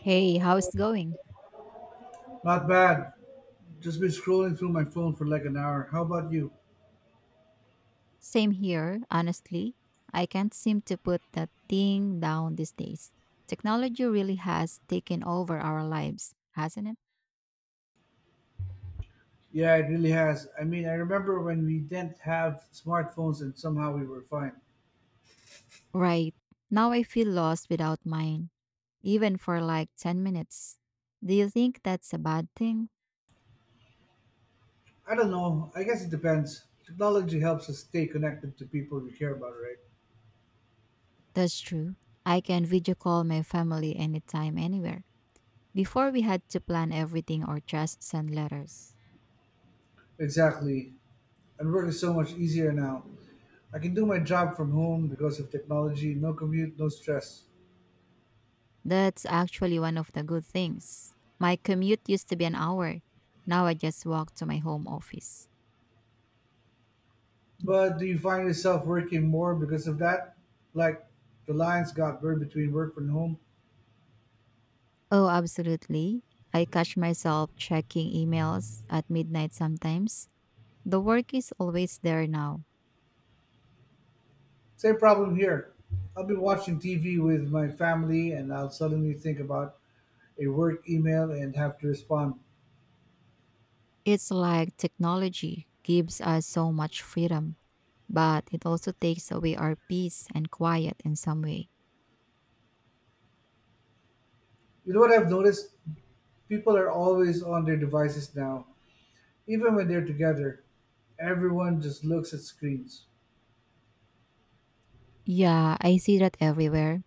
Hey, how's it going? Not bad. Just been scrolling through my phone for like an hour. How about you? Same here, honestly. I can't seem to put that thing down these days. Technology really has taken over our lives, hasn't it? Yeah, it really has. I mean, I remember when we didn't have smartphones and somehow we were fine. Right. Now I feel lost without mine, even for like 10 minutes. Do you think that's a bad thing? I don't know. I guess it depends. Technology helps us stay connected to people we care about, right? That's true. I can video call my family anytime, anywhere. Before we had to plan everything or just send letters. Exactly. And work is so much easier now. I can do my job from home because of technology. No commute, no stress. That's actually one of the good things. My commute used to be an hour. Now I just walk to my home office. But do you find yourself working more because of that? Like the lines got blurred between work and home? Oh, absolutely. I catch myself checking emails at midnight sometimes. The work is always there now. Same problem here. I'll be watching TV with my family and I'll suddenly think about a work email and have to respond. It's like technology gives us so much freedom, but it also takes away our peace and quiet in some way. You know what I've noticed? People are always on their devices now. Even when they're together, everyone just looks at screens. Yeah, I see that everywhere.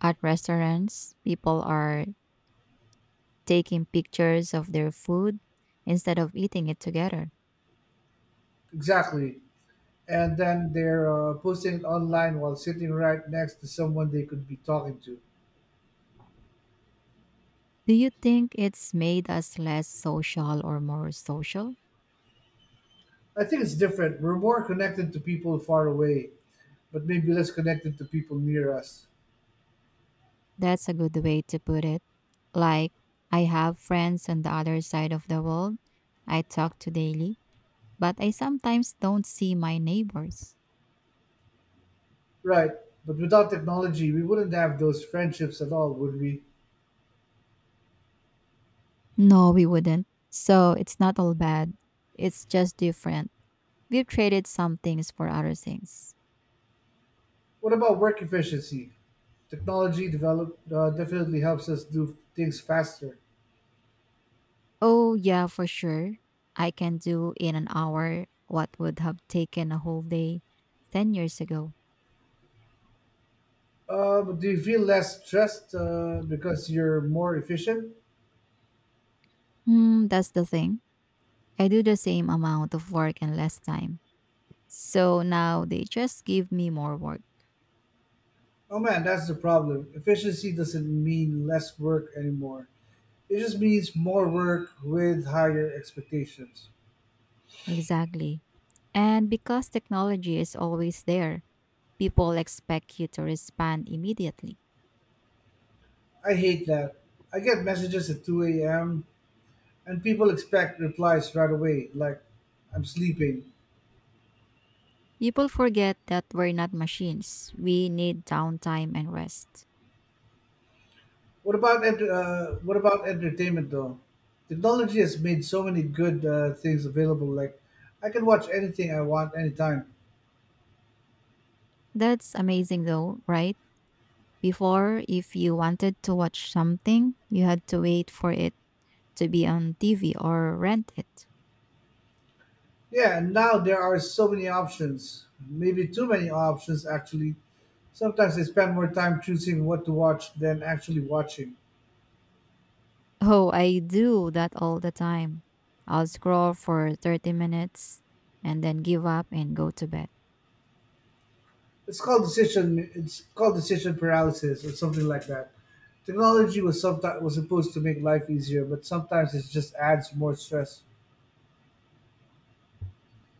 At restaurants, people are taking pictures of their food instead of eating it together. Exactly. And then they're posting it online while sitting right next to someone they could be talking to. Do you think it's made us less social or more social? I think it's different. We're more connected to people far away, but maybe less connected to people near us. That's a good way to put it. Like, I have friends on the other side of the world I talk to daily, but I sometimes don't see my neighbors. Right. But without technology, we wouldn't have those friendships at all, would we? No, we wouldn't. So it's not all bad. It's just different. We've traded some things for other things. What about work efficiency? Technology definitely helps us do things faster. Oh, yeah, for sure. I can do in an hour what would have taken a whole day 10 years ago. But do you feel less stressed because you're more efficient? Hmm, that's the thing. I do the same amount of work in less time. So now they just give me more work. Oh man, that's the problem. Efficiency doesn't mean less work anymore. It just means more work with higher expectations. Exactly. And because technology is always there, people expect you to respond immediately. I hate that. I get messages at 2 a.m. and people expect replies right away, like I'm sleeping. People forget that we're not machines. We need downtime and rest. What about entertainment though? Technology has made so many good things available. Like I can watch anything I want anytime. That's amazing though, right? Before, if you wanted to watch something, you had to wait for it to be on TV or rent it. Yeah, and now there are so many options. Maybe too many options actually. Sometimes I spend more time choosing what to watch than actually watching. Oh, I do that all the time. I'll scroll for 30 minutes and then give up and go to bed. It's called decision. It's called decision paralysis or something like that. Technology was supposed to make life easier, but sometimes it just adds more stress.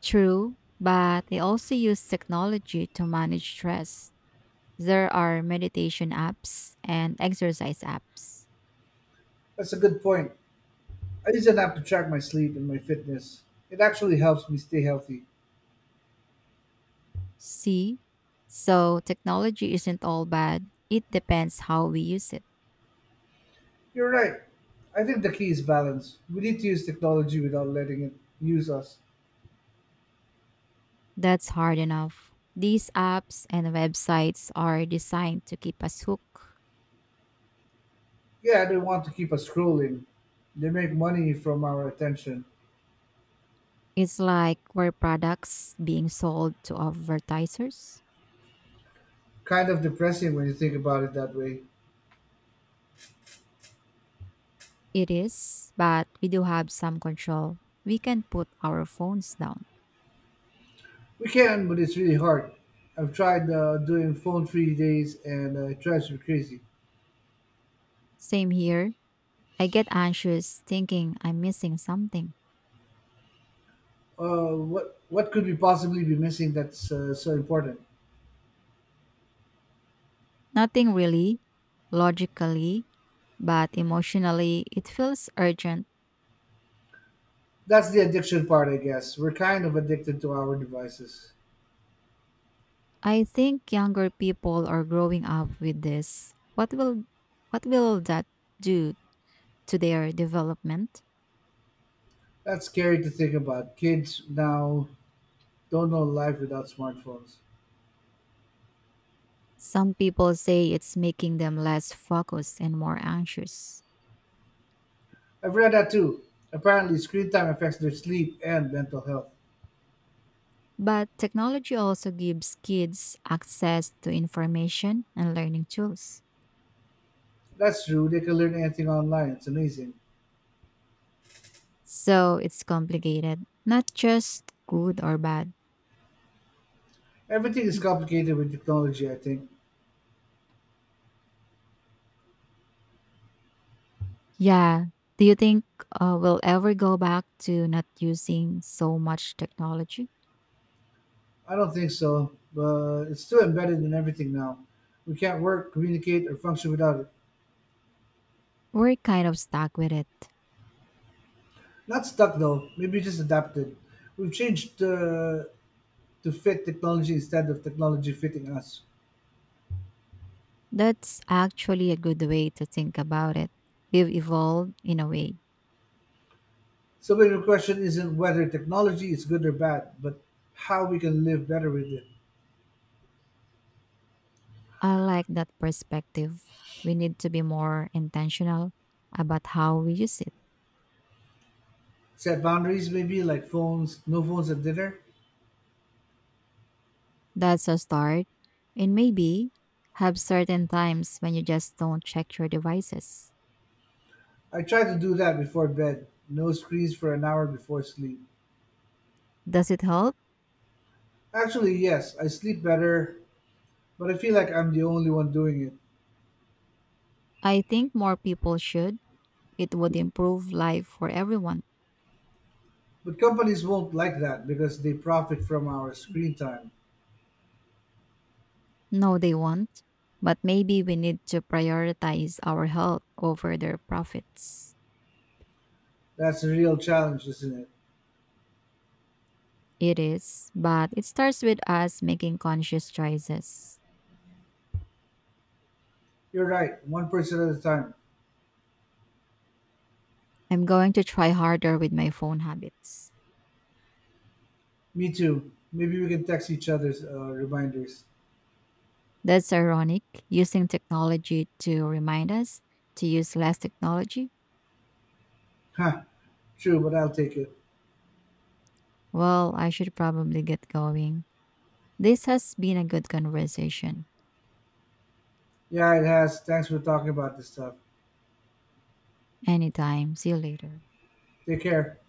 True, but I also use technology to manage stress. There are meditation apps and exercise apps. That's a good point. I use an app to track my sleep and my fitness. It actually helps me stay healthy. See? So technology isn't all bad. It depends how we use it. You're right. I think the key is balance. We need to use technology without letting it use us. That's hard enough. These apps and websites are designed to keep us hooked. Yeah, they want to keep us scrolling. They make money from our attention. It's like we're products being sold to advertisers. Kind of depressing when you think about it that way. It is, but we do have some control. We can put our phones down. We can, but it's really hard. I've tried doing phone-free days, and it drives me crazy. Same here. I get anxious thinking I'm missing something. What could we possibly be missing that's so important? Nothing really, logically, but emotionally, it feels urgent. That's the addiction part, I guess. We're kind of addicted to our devices. I think younger people are growing up with this. What will that do to their development? That's scary to think about. Kids now don't know life without smartphones. Some people say it's making them less focused and more anxious. I've read that too. Apparently, screen time affects their sleep and mental health. But technology also gives kids access to information and learning tools. That's true. They can learn anything online. It's amazing. So it's complicated, not just good or bad. Everything is complicated with technology, I think. Yeah. Do you think we'll ever go back to not using so much technology? I don't think so, but it's still embedded in everything now. We can't work, communicate, or function without it. We're kind of stuck with it. Not stuck though. Maybe just adapted. We've changed to fit technology instead of technology fitting us. That's actually a good way to think about it. We've evolved in a way. So maybe the question isn't whether technology is good or bad, but how we can live better with it. I like that perspective. We need to be more intentional about how we use it. Set boundaries maybe like phones, no phones at dinner. That's a start. And maybe have certain times when you just don't check your devices. I try to do that before bed. No screens for an hour before sleep. Does it help? Actually, yes, I sleep better, but I feel like I'm the only one doing it. I think more people should. It would improve life for everyone. But companies won't like that because they profit from our screen time. No, they won't. But maybe we need to prioritize our health over their profits. That's a real challenge, isn't it? It is, but it starts with us making conscious choices. You're right, one person at a time. I'm going to try harder with my phone habits. Me too. Maybe we can text each other's reminders. That's ironic, using technology to remind us to use less technology. Huh, true, but I'll take it. Well, I should probably get going. This has been a good conversation. Yeah, it has. Thanks for talking about this stuff. Anytime. See you later. Take care.